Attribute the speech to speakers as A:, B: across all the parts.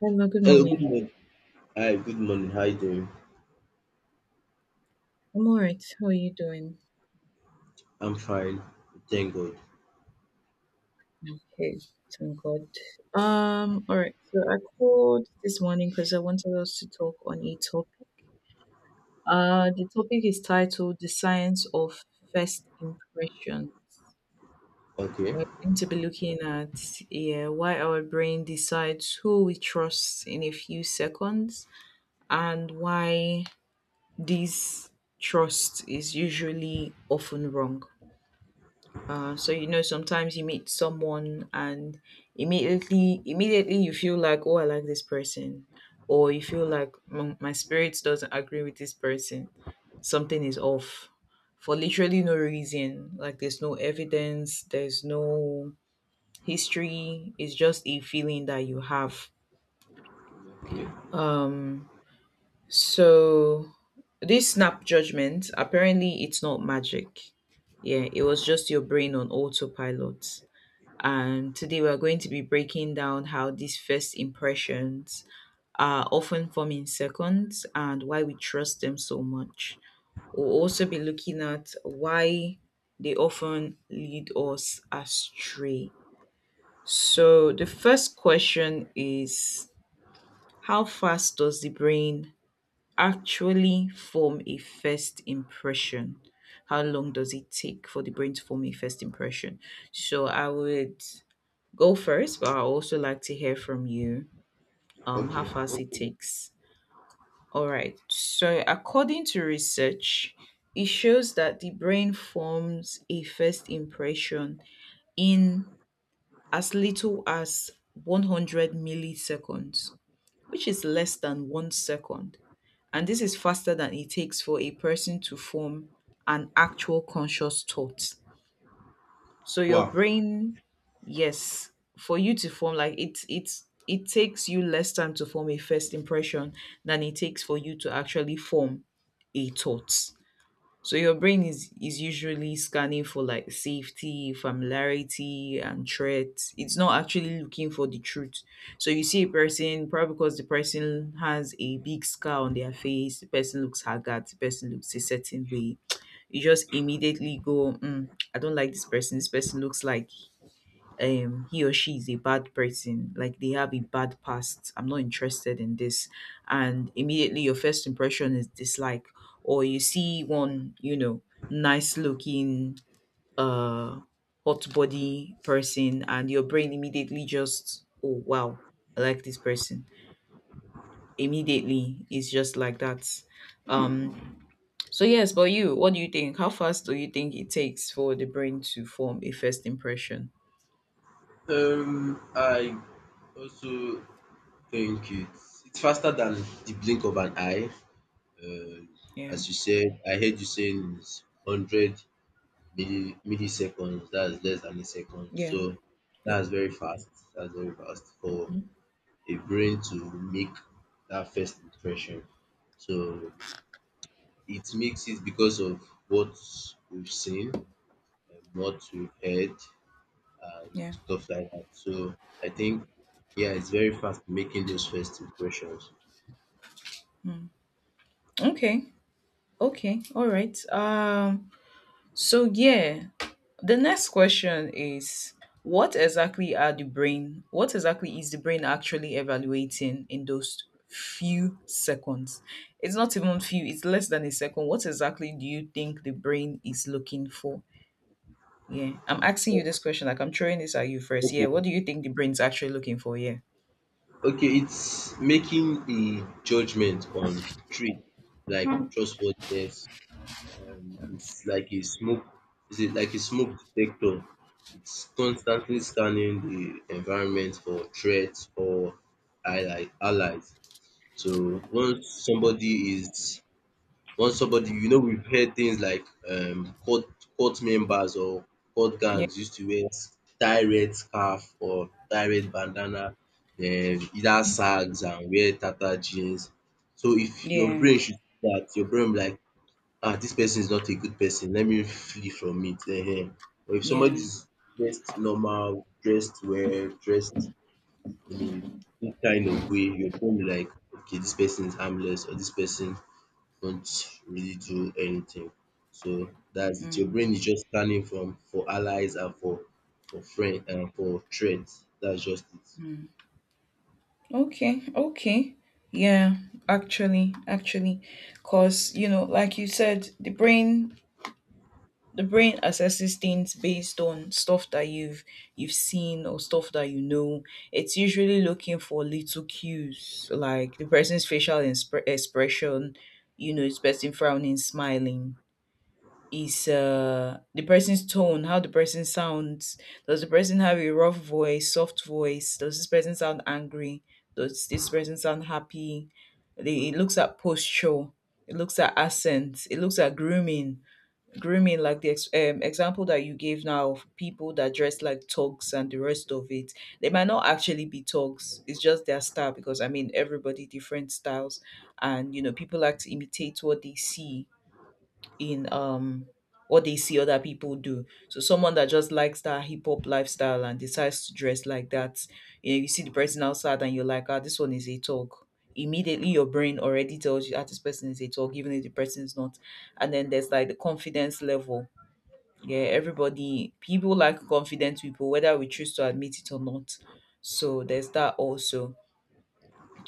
A: Hello, good
B: Hello, good
A: morning.
B: morning. Hi, good morning. How you doing?
A: I'm all right. How are you doing?
B: I'm fine. Thank God.
A: Okay, thank God. All right. So I called this morning because I wanted us to talk on a topic. The topic is titled "The Science of First Impression."
B: Okay.
A: We're going to be looking at, yeah, why our brain decides who we trust in a few seconds, and why this trust is usually often wrong. So sometimes you meet someone, and immediately you feel like, oh, I like this person, or you feel like, "Mm, my spirit doesn't agree with this person, something is off for literally no reason. Like, there's no evidence, there's no history, it's just a feeling that you have."
B: Okay.
A: Um so this snap judgment, apparently it's not magic. Yeah, it was just your brain on autopilot. And today we are going to be breaking down how these first impressions are often forming seconds, and why we trust them so much. We'll also be looking at why they often lead us astray. So, the first question is, how fast does the brain actually form a first impression? How long does it take for the brain to form a first impression? So, I would go first, but I also like to hear from you,
B: Okay.
A: how fast
B: No
A: it
B: problem.
A: takes. All right. So, according to research, it shows that the brain forms a first impression in as little as 100 milliseconds, which is less than 1 second. And this is faster than it takes for a person to form an actual conscious thought. So your
B: Wow.
A: brain Yes, for you to form like it's it takes you less time to form a first impression than it takes for you to actually form a thought. So your brain is usually scanning for, like, safety, familiarity and threats. It's not actually looking for the truth. So you see a person, probably because the person has a big scar on their face, the person looks haggard, the person looks a certain way, you just immediately go, mm, I don't like this person, this person looks like, he or she is a bad person, like they have a bad past, I'm not interested in this. And immediately your first impression is dislike. Or you see one, you know, nice looking, uh hot body person, and your brain immediately just, oh wow, I like this person. Immediately it's just like that. Um so yes, but you, what do you think? How fast do you think it takes for the brain to form a first impression?
B: I also think it's faster than the blink of an eye. Um,
A: Yeah.
B: as you said, I heard you saying it's hundred milliseconds. That's less than a second.
A: Yeah.
B: So
A: Yeah.
B: that's very fast. That's very fast for
A: Mhm.
B: a brain to make that first impression. So it makes it because of what we've seen, what we've heard, and
A: Yeah.
B: stuff like that. So I think, yeah, it's very fast making those first impressions.
A: Okay. Okay. All right. So yeah, the next question is, what exactly are the brain? What exactly is the brain actually evaluating in those few seconds? It's not even few, it's less than a second. What exactly do you think the brain is looking for? Yeah. I'm asking you this
B: O-
A: question. Like, I'm throwing this at you first. Yeah.
B: Okay,
A: What do you think the brain's actually looking for? Yeah.
B: okay, it's making a judgment on three, like trustworthiness. It's like a smoke. Is it like a smoke detector? It's constantly scanning the environment for threats or allies. So once somebody, you know, we've heard things like court cult members or court
A: Yeah.
B: gangs used to wear tie red scarf or tie red bandana, then either sags and wear tata jeans. So if your
A: Yeah.
B: brain should see that, your brain will be like, ah, this person is not a good person, let me flee from it. um But if somebody
A: Yeah.
B: is dressed normal, dressed well, dressed in a good kind of way, you become like, okay, this person is harmless or this person don't really do anything. So that's it. Your
A: Mm.
B: brain is just scanning from for allies and for friend and for threats. That's just it.
A: Okay. Okay. Yeah. Actually, because, you know, like you said, the brain, the brain assesses things based on stuff that you've seen, or stuff that you know. It's usually looking for little cues, like the person's facial expression, you know, is person frowning, smiling, is the person's tone, how the person sounds. Does the person have a rough voice, soft voice? Does this person sound angry? Does this person sound happy? They, it looks at posture, it looks at accent, it looks at grooming. Grooming, like the example that you gave now of people that dress like thugs and the rest of it. They might not actually be thugs, it's just their style, because I mean, everybody different styles. And you know, people like to imitate what they see in, what they see other people do. So someone that just likes that hip hop lifestyle and decides to dress like that, you know, you see the person outside and you're like, ah, this one is a talk. Immediately your brain already tells you that this person is a talk, even if the person is not. And then there's like the confidence level. Yeah, everybody, people like confident people, whether we choose to admit it or not. So there's
B: Okay.
A: that also.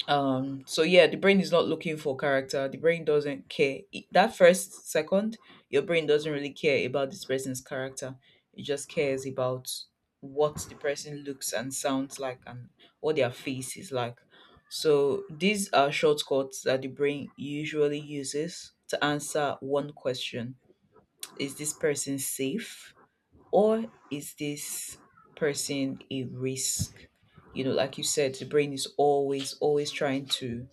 A: So yeah, the brain is not looking for character. The brain doesn't care. It- that first second, your brain doesn't really care about this person's character. It just cares about what the person looks and sounds like, and what their face is like. So these are shortcuts that the brain usually uses to answer one question. Is this person safe, or is this person a risk? You know, like you said, the brain is always, always trying to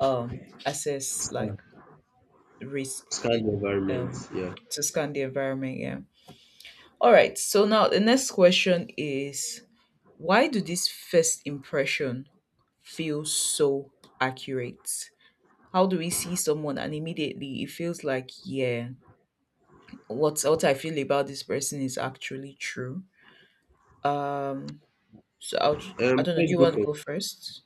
A: assess,
B: Scan
A: like, risk,
B: scan the environment.
A: um
B: Yeah.
A: to scan the environment, yeah. All right, so now the next question is, why do this first impression feel so accurate? How do we see someone and immediately it feels like, yeah, what I feel about this person is actually true? Um so i'll ju- I don't know, do
B: Let's
A: you
B: go
A: want to
B: first.
A: go first?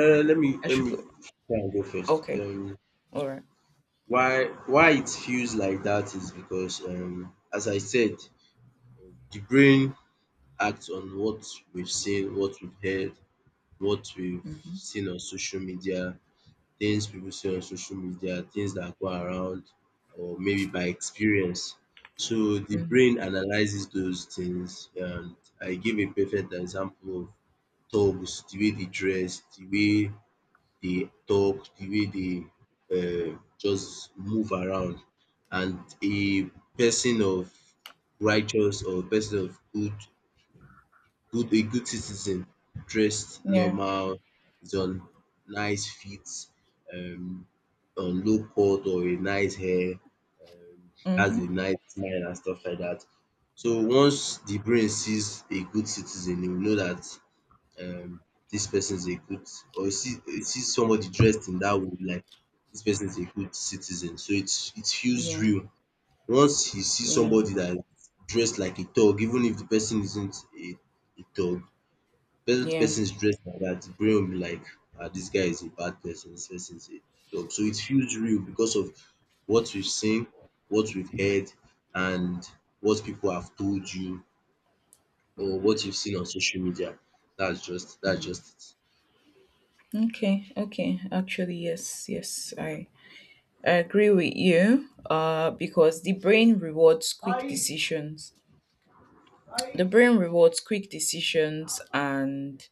B: Let me
A: I
B: let
A: should
B: me
A: go.
B: try and go first.
A: Okay, all right.
B: Why it feels like that is because, as I said, the brain act on what we've seen, what we've heard, what we've
A: Mm-hmm.
B: seen on social media, things people see on social media, things that go around, or maybe by experience. So the
A: Mm-hmm.
B: brain analyzes those things, and I give a perfect example of dogs: the way they dress, the way they talk, the way they just move around. And a person of righteous or a person of good good a good citizen dressed
A: Yeah.
B: normal is on nice feet, um on low cut or a nice hair, um has a
A: Mm-hmm.
B: nice smile and stuff like that. So once the brain sees a good citizen, e will know that um this person is a good, or e see somebody dressed in that way like this person is a good citizen, so it feels
A: Yeah.
B: real. Once you see
A: Yeah.
B: somebody that is dressed like a thug, even if the person isn't a thug, Person
A: Yeah.
B: person is dressed like that, the brain will be like, ah, this guy is a bad person, this person is a dog. So it feels real because of what we've seen, what we've heard, and what people have told you or what you've seen on social media. That's just that's
A: Mm.
B: just
A: Okay, okay. Actually, yes, yes, I agree with you. Because the brain rewards quick decisions. The brain rewards quick decisions, and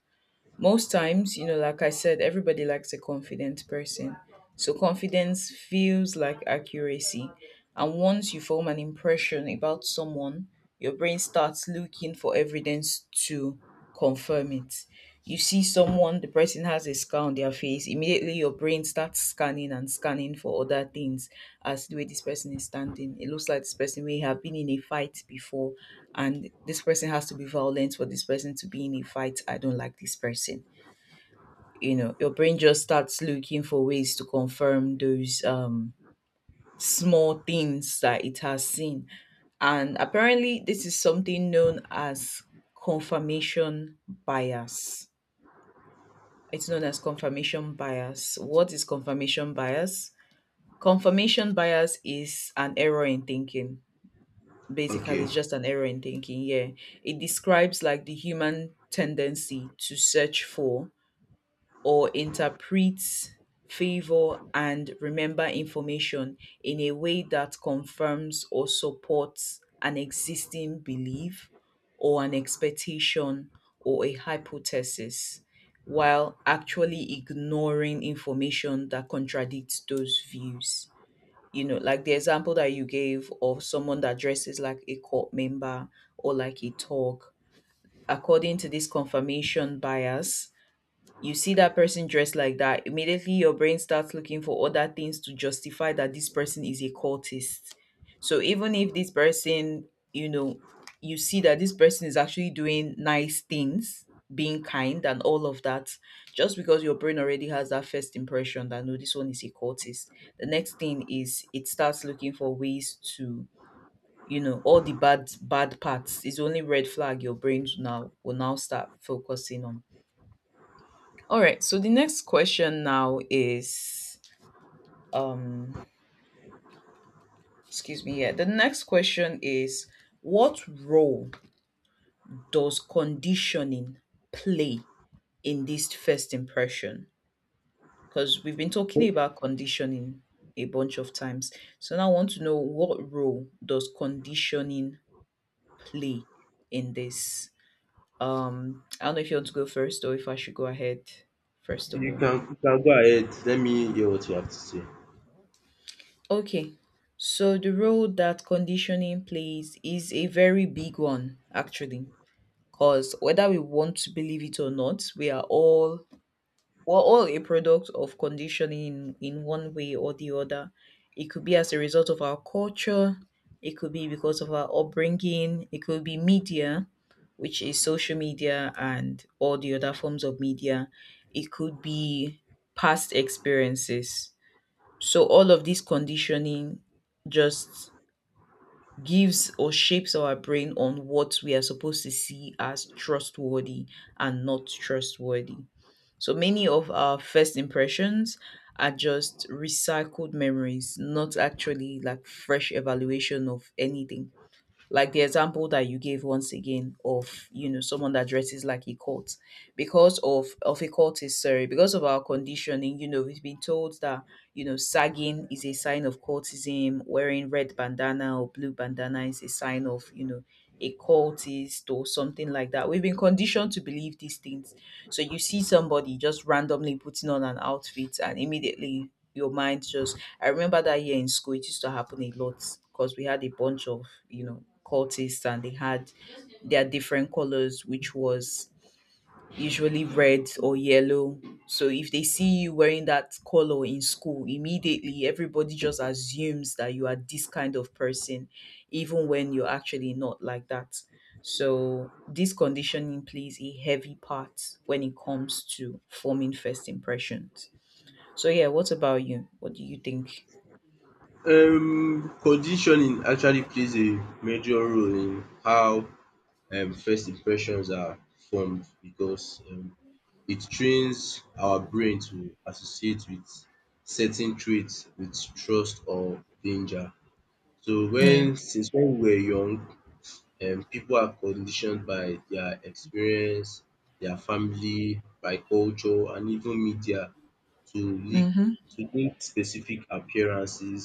A: most times, you know, like I said, everybody likes a confident person. So confidence feels like accuracy. And once you form an impression about someone, your brain starts looking for evidence to confirm it. You see someone, the person has a scar on their face, immediately your brain starts scanning and scanning for other things, as the way this person is standing. It looks like this person may have been in a fight before, and this person has to be violent for this person to be in a fight. I don't like this person. You know, your brain just starts looking for ways to confirm those, small things that it has seen. And apparently this is something known as confirmation bias. It's known as confirmation bias. What is confirmation bias? Confirmation bias is an error in thinking,
B: it.
A: basically
B: Okay.
A: it's just an error in thinking, yeah. It describes, like, the human tendency to search for or interpret, favor and remember information in a way that confirms or supports an existing belief, or an expectation, or a hypothesis, while actually ignoring information that contradicts those views. You know, like the example that you gave of someone that dresses like a court member or like a thug, according to this confirmation bias, you see that person dressed like that, immediately your brain starts looking for other things to justify that this person is a cultist. So even if this person, you know, you see that this person is actually doing nice things, being kind and all of that, just because your brain already has that first impression that, no, this one is a cultist. The next thing is, it starts looking for ways to, you know, all the bad parts, is only red flag your brains now will now start focusing on. All right, so the next question now is, um excuse me. Yeah, the next question is, what role does conditioning play in this first impression? Because we've been talking
B: You
A: about conditioning a bunch of times. So now I want to know, what role does conditioning play in this? I don't know if you want to go first, or if I should go ahead first
B: can
A: of
B: you
A: all.
B: can go ahead. Let me hear what you have to say.
A: Okay, so the role that conditioning plays is a very big one, actually, because whether we want to believe it or not, we are all, we're all a product of conditioning in one way or the other. It could be as a result of our culture, it could be because of our upbringing, it could be media, which is social media and all the other forms of media. It could be past experiences. So all of this conditioning just gives, or shapes our brain on what we are supposed to see as trustworthy and not trustworthy. So many of our first impressions are just recycled memories, not actually like fresh evaluation of anything, like the example that you gave once again of, you know, someone that dresses like a cult, because of a cult is, sorry, because of our conditioning, you know, we've been told that, you know, sagging is a sign of cultism, wearing red bandana or blue bandana is a sign of, you know, a cultist or something like that. We've been conditioned to believe these things. So you see somebody just randomly putting on an outfit, and immediately your mind just, I remember that year in school, it used to happen a lot, because we had a bunch of, you know, cultists, and they had their different colors, which was usually red or yellow. So if they see you wearing that color in school, immediately everybody just assumes that you are this kind of person even when you're actually not like that. So this conditioning plays a heavy part when it comes to forming first impressions. So yeah, what about you? What do you think?
B: Conditioning actually plays a major role in how first impressions are formed, because it trains our brain to associate with certain traits with trust or danger. So
A: Yeah.
B: when since when we were young, people are conditioned by their experience, their family, by culture, and even media to
A: Mhm.
B: link specific appearances,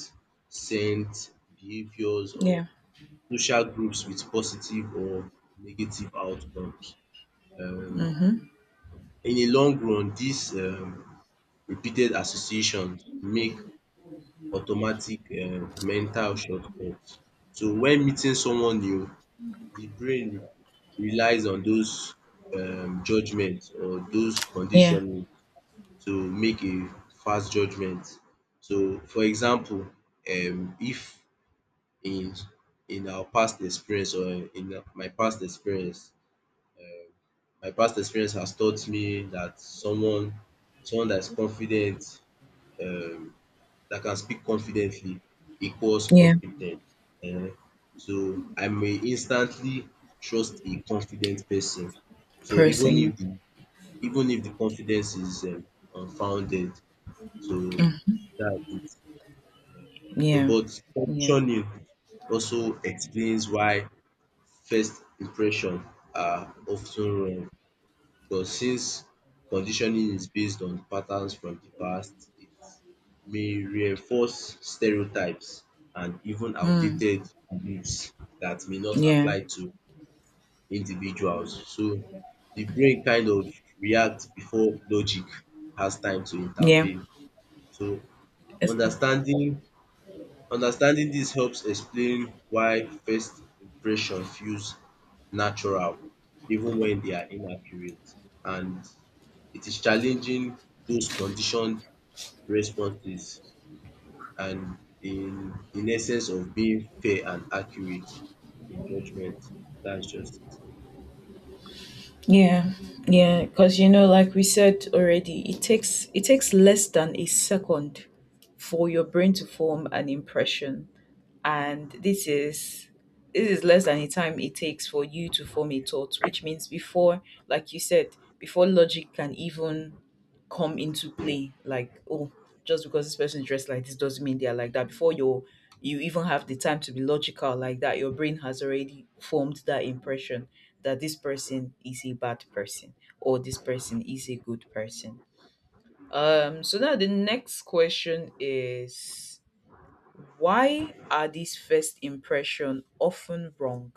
B: scent, behaviours, or
A: Yeah.
B: social groups with positive or negative outcomes. Um
A: Mhm.
B: in the long run, this repeated associations make automatic mental shortcuts. So when meeting someone new, the brain relies on those judgement or those
A: Yeah.
B: conditioning to make a fast judgement. So, for example, if in in our past experience, or in my past experience has taught me that someone that is confident, um that can speak confidently equals
A: Yeah.
B: confident. um So I may instantly trust a confident person. So
A: Person.
B: even if the confidence is unfounded, so
A: Mm.
B: that's it. So
A: Yeah.
B: but
A: Yeah.
B: questioning also explains why first impression are often wrong. Because since conditioning is based on patterns from the past, it may reinforce stereotypes and even
A: Mm.
B: outdated beliefs that may not
A: Yeah.
B: apply to individuals. So the brain kind of reacts before logic has time to
A: Yeah.
B: intervene. So
A: It's,
B: understanding understanding this helps explain why first impression feels natural, even when they are inaccurate, and it is challenging those conditioned responses and in essence of being fair and accurate in judgment. That's just
A: yeah. Yeah. Because like we said already, it takes less than a second for your brain to form an impression, and this is less than the time it takes for you to form a thought, which means before, like you said, before logic can even come into play. Like, oh, just because this person is dressed like this doesn't mean they're like that. Before you even have the time to be logical like that, your brain has already formed that impression that this person is a bad person or this person is a good person. So now the next question is why are these first impression often wrong?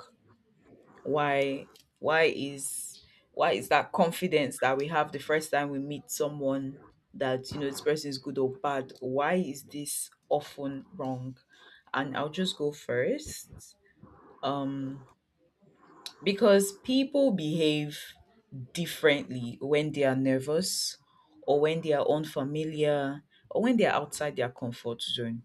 A: why why is why is that confidence that we have the first time we meet someone that this person is good or bad, why is this often wrong? And I'll just go first. um because people behave differently when they are nervous, or when they are unfamiliar, or when they are outside their comfort zone.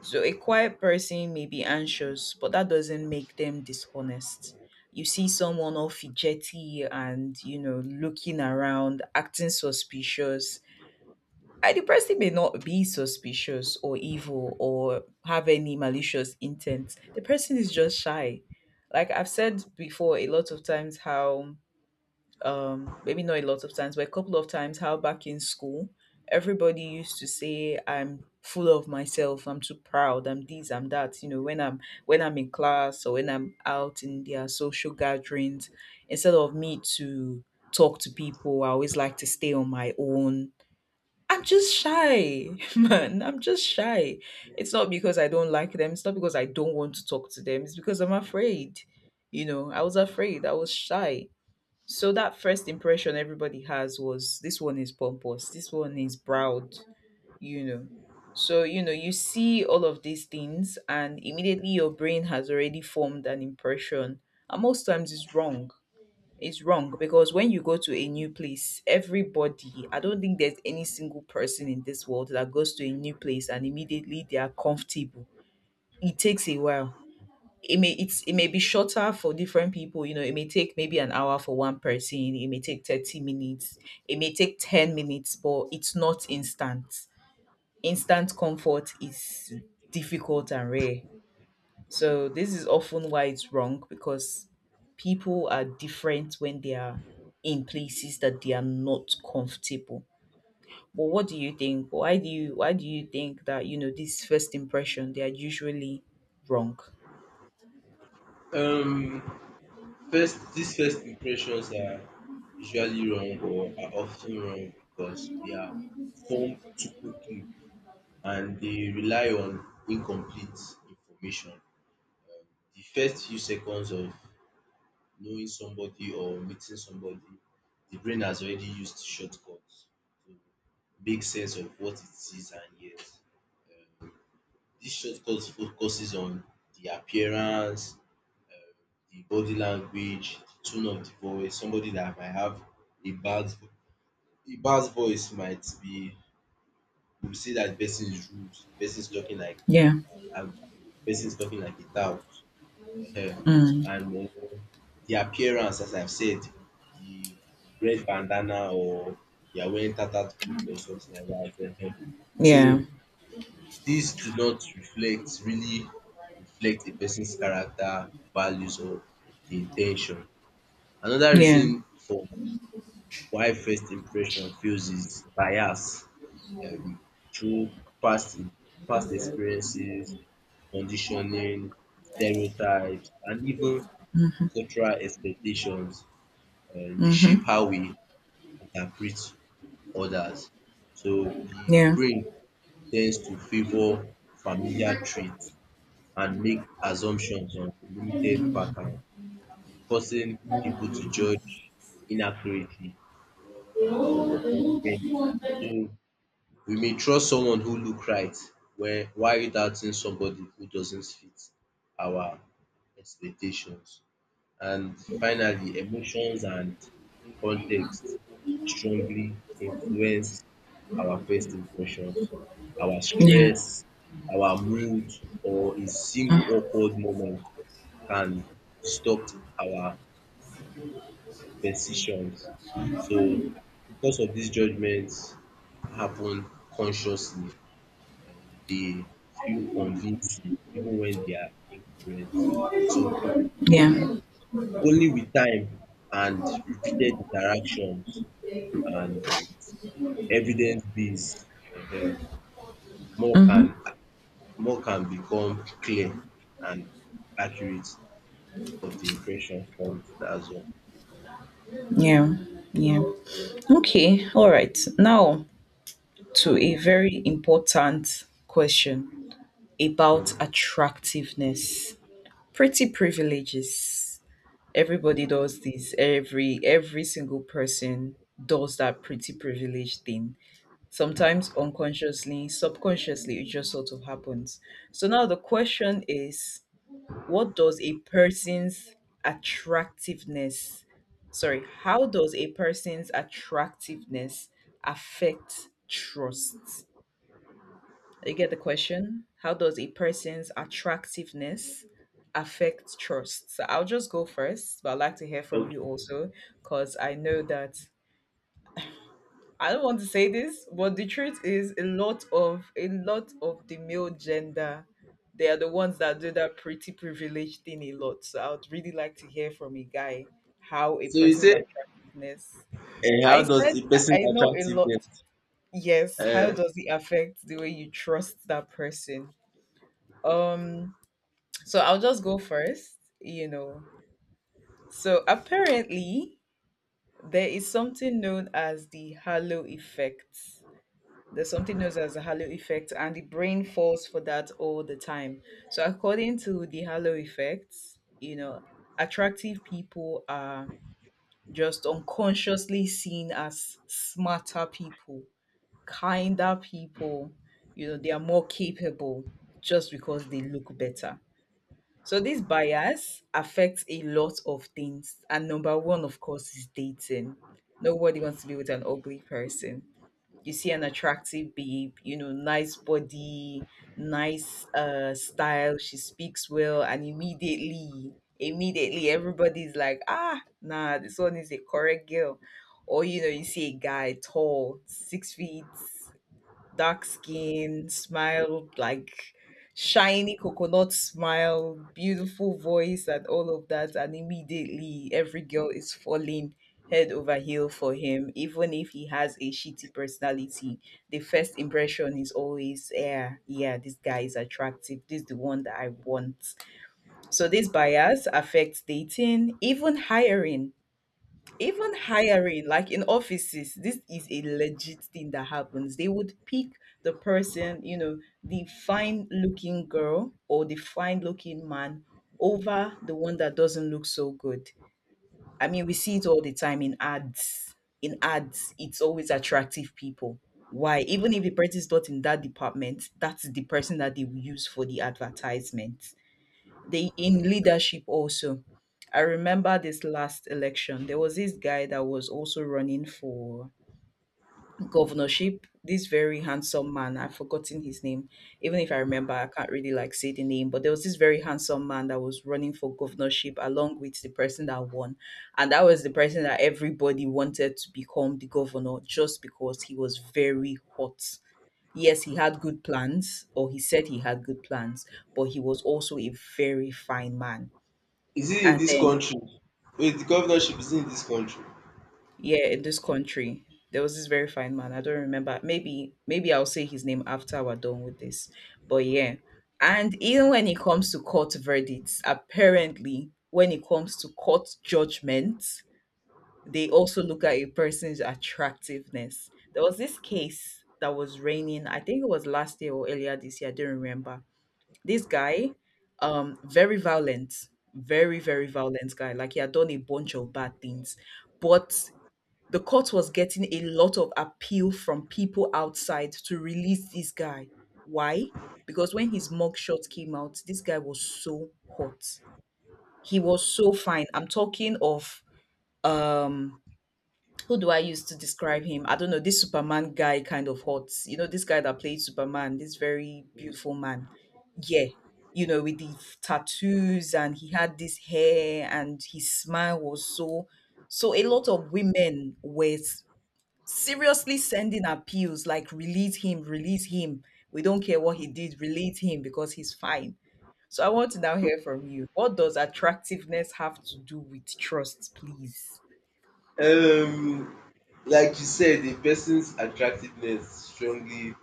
A: So a quiet person may be anxious, but that doesn't make them dishonest. You see someone all fidgety and looking around, acting suspicious. And the person may not be suspicious or evil or have any malicious intent. The person is just shy. Like I've said before, a lot of times how maybe not a lot of times but a couple of times, how back in school everybody used to say I'm full of myself, I'm too proud, I'm this, I'm that, when I'm in class or when I'm out in their social gatherings, instead of me to talk to people I always like to stay on my own. I'm just shy. Man, I'm just shy. It's not because I don't like them, it's not because I don't want to talk to them, it's because I'm afraid. I was afraid, I was shy. So that first impression everybody has was, this one is pompous, this one is proud, you know. So, you know, you see all of these things, and immediately your brain has already formed an impression. And most times it's wrong. It's wrong because when you go to a new place, everybody, I don't think there's any single person in this world that goes to a new place and immediately they are comfortable. It takes a while. It may be shorter for different people. It may take maybe an hour for one person, it may take 30 minutes, it may take 10 minutes, but it's not instant. Instant comfort is difficult and rare. So this is often why it's wrong, because people are different when they are in places that they are not comfortable. But what do you think, why do you think that this first impression they are usually wrong?
B: it. First these first impressions are usually wrong, or are often wrong, because they are formed too quickly and they rely on incomplete information. The first few seconds of knowing somebody or meeting somebody, the brain has already used shortcuts to make sense of what it sees and hears. This shortcut focuses on the appearance, the body language, the tone of the voice. Somebody that might have a bad vo- a bad voice might be, you will say that the person is rude, the person is talking like
A: Yeah.
B: angry, the person is talking like a tout. Ehen.
A: Mm.
B: And the appearance, as I've said, the red bandana, or you are wearing tattered clothes or something like that. Ehen. So
A: Yeah.
B: these do not reflect really reflect a person's character, values, or the intention. Another
A: Yeah.
B: reason for why first impression fails is bias, um, through past past experiences, conditioning, stereotypes, and even cultural expectations, dey
A: Mhm.
B: shape how we interpret others. So the
A: Yeah.
B: brain tends to favour familiar traits and make assumptions on limited pattern, causing people to judge inaccurately, or unfairly. So we may trust someone who look right where while doubting somebody who doesn't fit our expectations. And finally, emotions and context strongly influence our first impressions. Our
A: Yeah.
B: stress, our mood, or a single
A: Mm.
B: awkward moment can distort our decisions. So, because of these, judgments happen consciously, and they feel convincing even when they are incorrect. So,
A: Yeah.
B: only with time and repeated interactions and with evidence-based um more,
A: Mhm.
B: can become clear and accurate of the impression formed. That's all.
A: Yeah. Yeah. Okay. All right. Now to a very important question about attractiveness. Pretty privileges. Everybody does this. Every single person does that pretty privilege thing. Sometimes unconsciously, subconsciously, it just sort of happens. So now the question is, what does a person's attractiveness, sorry, how does a person's attractiveness affect trust? You get the question, how does a person's attractiveness affect trust? So I'll just go first, but I'd like to hear from
B: Okay.
A: you also. Because I know that, I don't want to say this, but the truth is, a lot of the male gender, they are the ones that do that pretty privileged thing a lot. So I would really like to hear from a guy how a
B: So you
A: person's
B: say
A: attractiveness.
B: how
A: I
B: does
A: said
B: the person
A: I know a lot.
B: attractiveness,
A: Yes, how
B: um
A: does it affect the way you trust that person? Um, so I'll just go first, you know. So apparently there is something known as the halo effect. There's something known as the halo effect, and the brain falls for that all the time. So, according to the halo effect, you know, attractive people are just unconsciously seen as smarter people, kinder people, you know, they are more capable just because they look better. So, this bias affects a lot of things. And number one, of course, is dating. Nobody wants to be with an ugly person. You see an attractive babe, you know, nice body, nice style, she speaks well, and immediately, immediately everybody's like, ah, nah, this one is a correct girl. Or you know, you see a guy tall, 6 feet, dark skin, smile like shiny coconut smile, beautiful voice, and all of that. And immediately, every girl is falling head over heel for him, even if he has a shitty personality. The first impression is always, yeah, yeah, this guy is attractive. This is the one that I want. So this bias affects dating, even hiring. Like in offices, this is a legit thing that happens. They would pick the person, you know, the fine looking girl or the fine looking man over the one that doesn't look so good. I mean, we see it all the time in ads. It's always attractive people. Why? Even if the person is not in that department, that's the person that they will use for the advertisement. They in leadership also. I remember this last election. There was this guy that was also running for governorship. This very handsome man. I've forgotten his name. Even if I remember, I can't really like say the name. But there was this very handsome man that was running for governorship along with the person that won. And that was the person that everybody wanted to become the governor just because he was very hot. Yes, he had good plans, or he said he had good plans, but he was also a very fine man,
B: is it in
A: and
B: this
A: then,
B: country? Wait, the governorship is in this country?
A: yeah, in this country, there was this very fine man. I don't remember. Maybe, maybe I'll say his name after we're done with this. But yeah. And even when it comes to court verdicts, apparently, when it comes to court judgments, they also look at a person's attractiveness. There was this case that was raining, I think it was last year or earlier this year, I don't remember. This guy, very violent, very violent guy. Like he had done a bunch of bad things. But the court was getting a lot of appeal from people outside to release this guy. Why? Because when his mugshot came out, this guy was so hot. He was so fine. I'm talking of um who do I use to describe him? I don't know, this Superman guy kind of hot. You know, this guy that played Superman, this very beautiful man. Yeah. You know, with the tattoos, and he had this hair, and his smile was so, so a lot of women were seriously sending appeals like, release him, release him. We don't care what he did, release him because he's fine. So I want to now hear from you. What does attractiveness have to do with trust, please?
B: Um like you said, a person's attractiveness strongly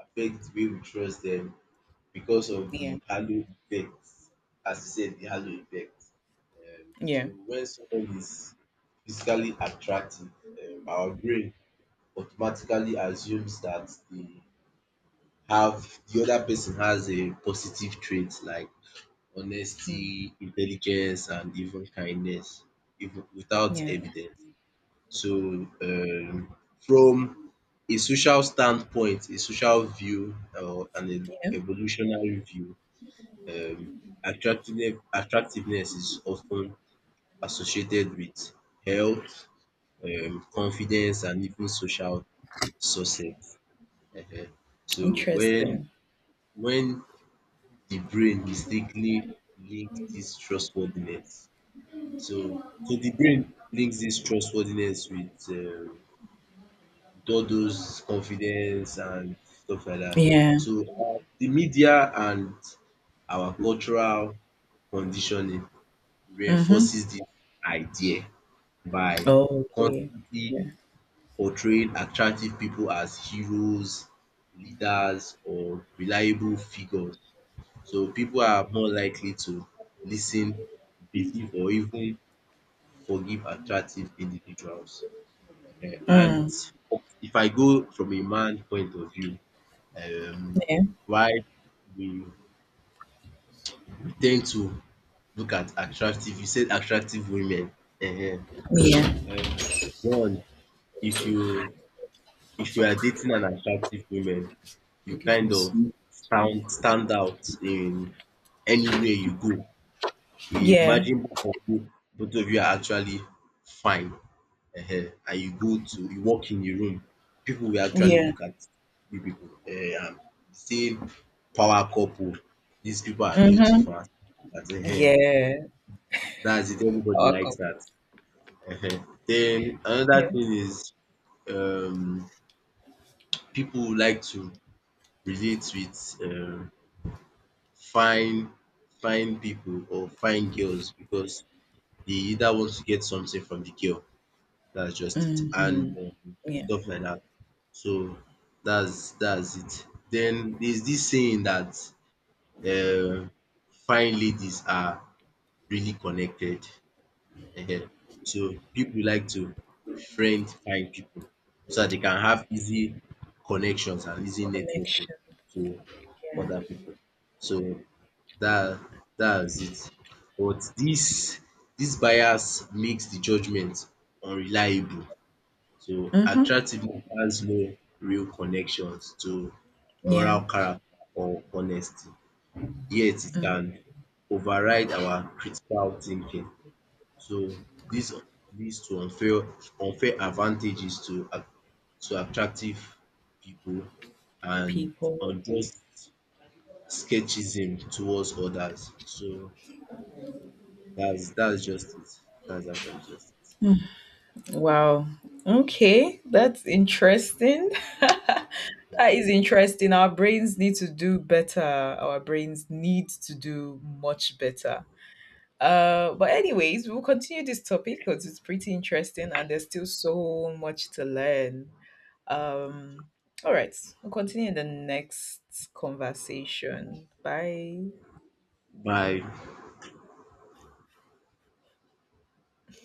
B: affects the way we trust them, because of
A: Yeah.
B: the halo effect. As you said, the halo effect. So
A: Yeah.
B: when someone is physically attractive, our brain automatically assumes that the other person has a positive trait like
A: Mm.
B: honesty, intelligence, and even kindness, even without
A: Yeah.
B: evidence. So, from a social standpoint, a social view, or an
A: Yeah.
B: evolutionary view, um attractiveness is often associated with health, confidence, and even social success. um So
A: Interesting.
B: when the brain mistakenly links this trustworthiness, so the brain links this trustworthiness with all those confidence and stuff like that.
A: Yeah.
B: So the media and our cultural conditioning
A: Mm-hmm.
B: reinforces this idea by
A: Oh, okay.
B: constantly
A: Yeah.
B: portraying attractive people as heroes, leaders, or reliable figures. So people are more likely to listen, believe, or even forgive attractive individuals. Eh, and
A: Mm.
B: if I go from a man point of view, um,
A: Yeah.
B: why we we tend to look at attractive, you said attractive women. um,
A: Yeah.
B: um, one, if you are dating an attractive woman, you kind of stand out in anywhere you go.
A: Yeah.
B: Imagine both of you are actually fine, and you go to you walk in a room, people will actually
A: Yeah.
B: look at you, pipu, same power couple, these people are
A: Mm-hmm.
B: beautiful, and dat,
A: Yeah.
B: it, everybody
A: A
B: likes dat.
A: couple.
B: Den another
A: Yeah.
B: thing is, um pipu like to relate with fine fine people or fine girls because they either want to get something from the girl, that's just it,
A: Mm-hmm.
B: and
A: Yeah.
B: stuff like that. So that's it. Then there's this saying that um fine ladies are really connected. Ehen. So people like to befriend fine people so that they can have easy connections and easy networking
A: Connection.
B: to other
A: Yeah.
B: people. So That that's it. But this bias makes the judgment unreliable. So
A: Mm-hmm.
B: attractiveness has no real connections to moral
A: Yeah.
B: character or honesty, yet it
A: Mm.
B: can override our critical thinking. So this leads to unfair advantages to attractive people and
A: People.
B: unjust sketchism towards others. So that's just it. That's actually just it.
A: Wow. Okay. That's interesting. That is interesting. Our brains need to do better. Our brains need to do much better. But anyways, we'll continue this topic because it's pretty interesting and there's still so much to learn. Um, all right, we'll continue in the next conversation. Bye.
B: Bye.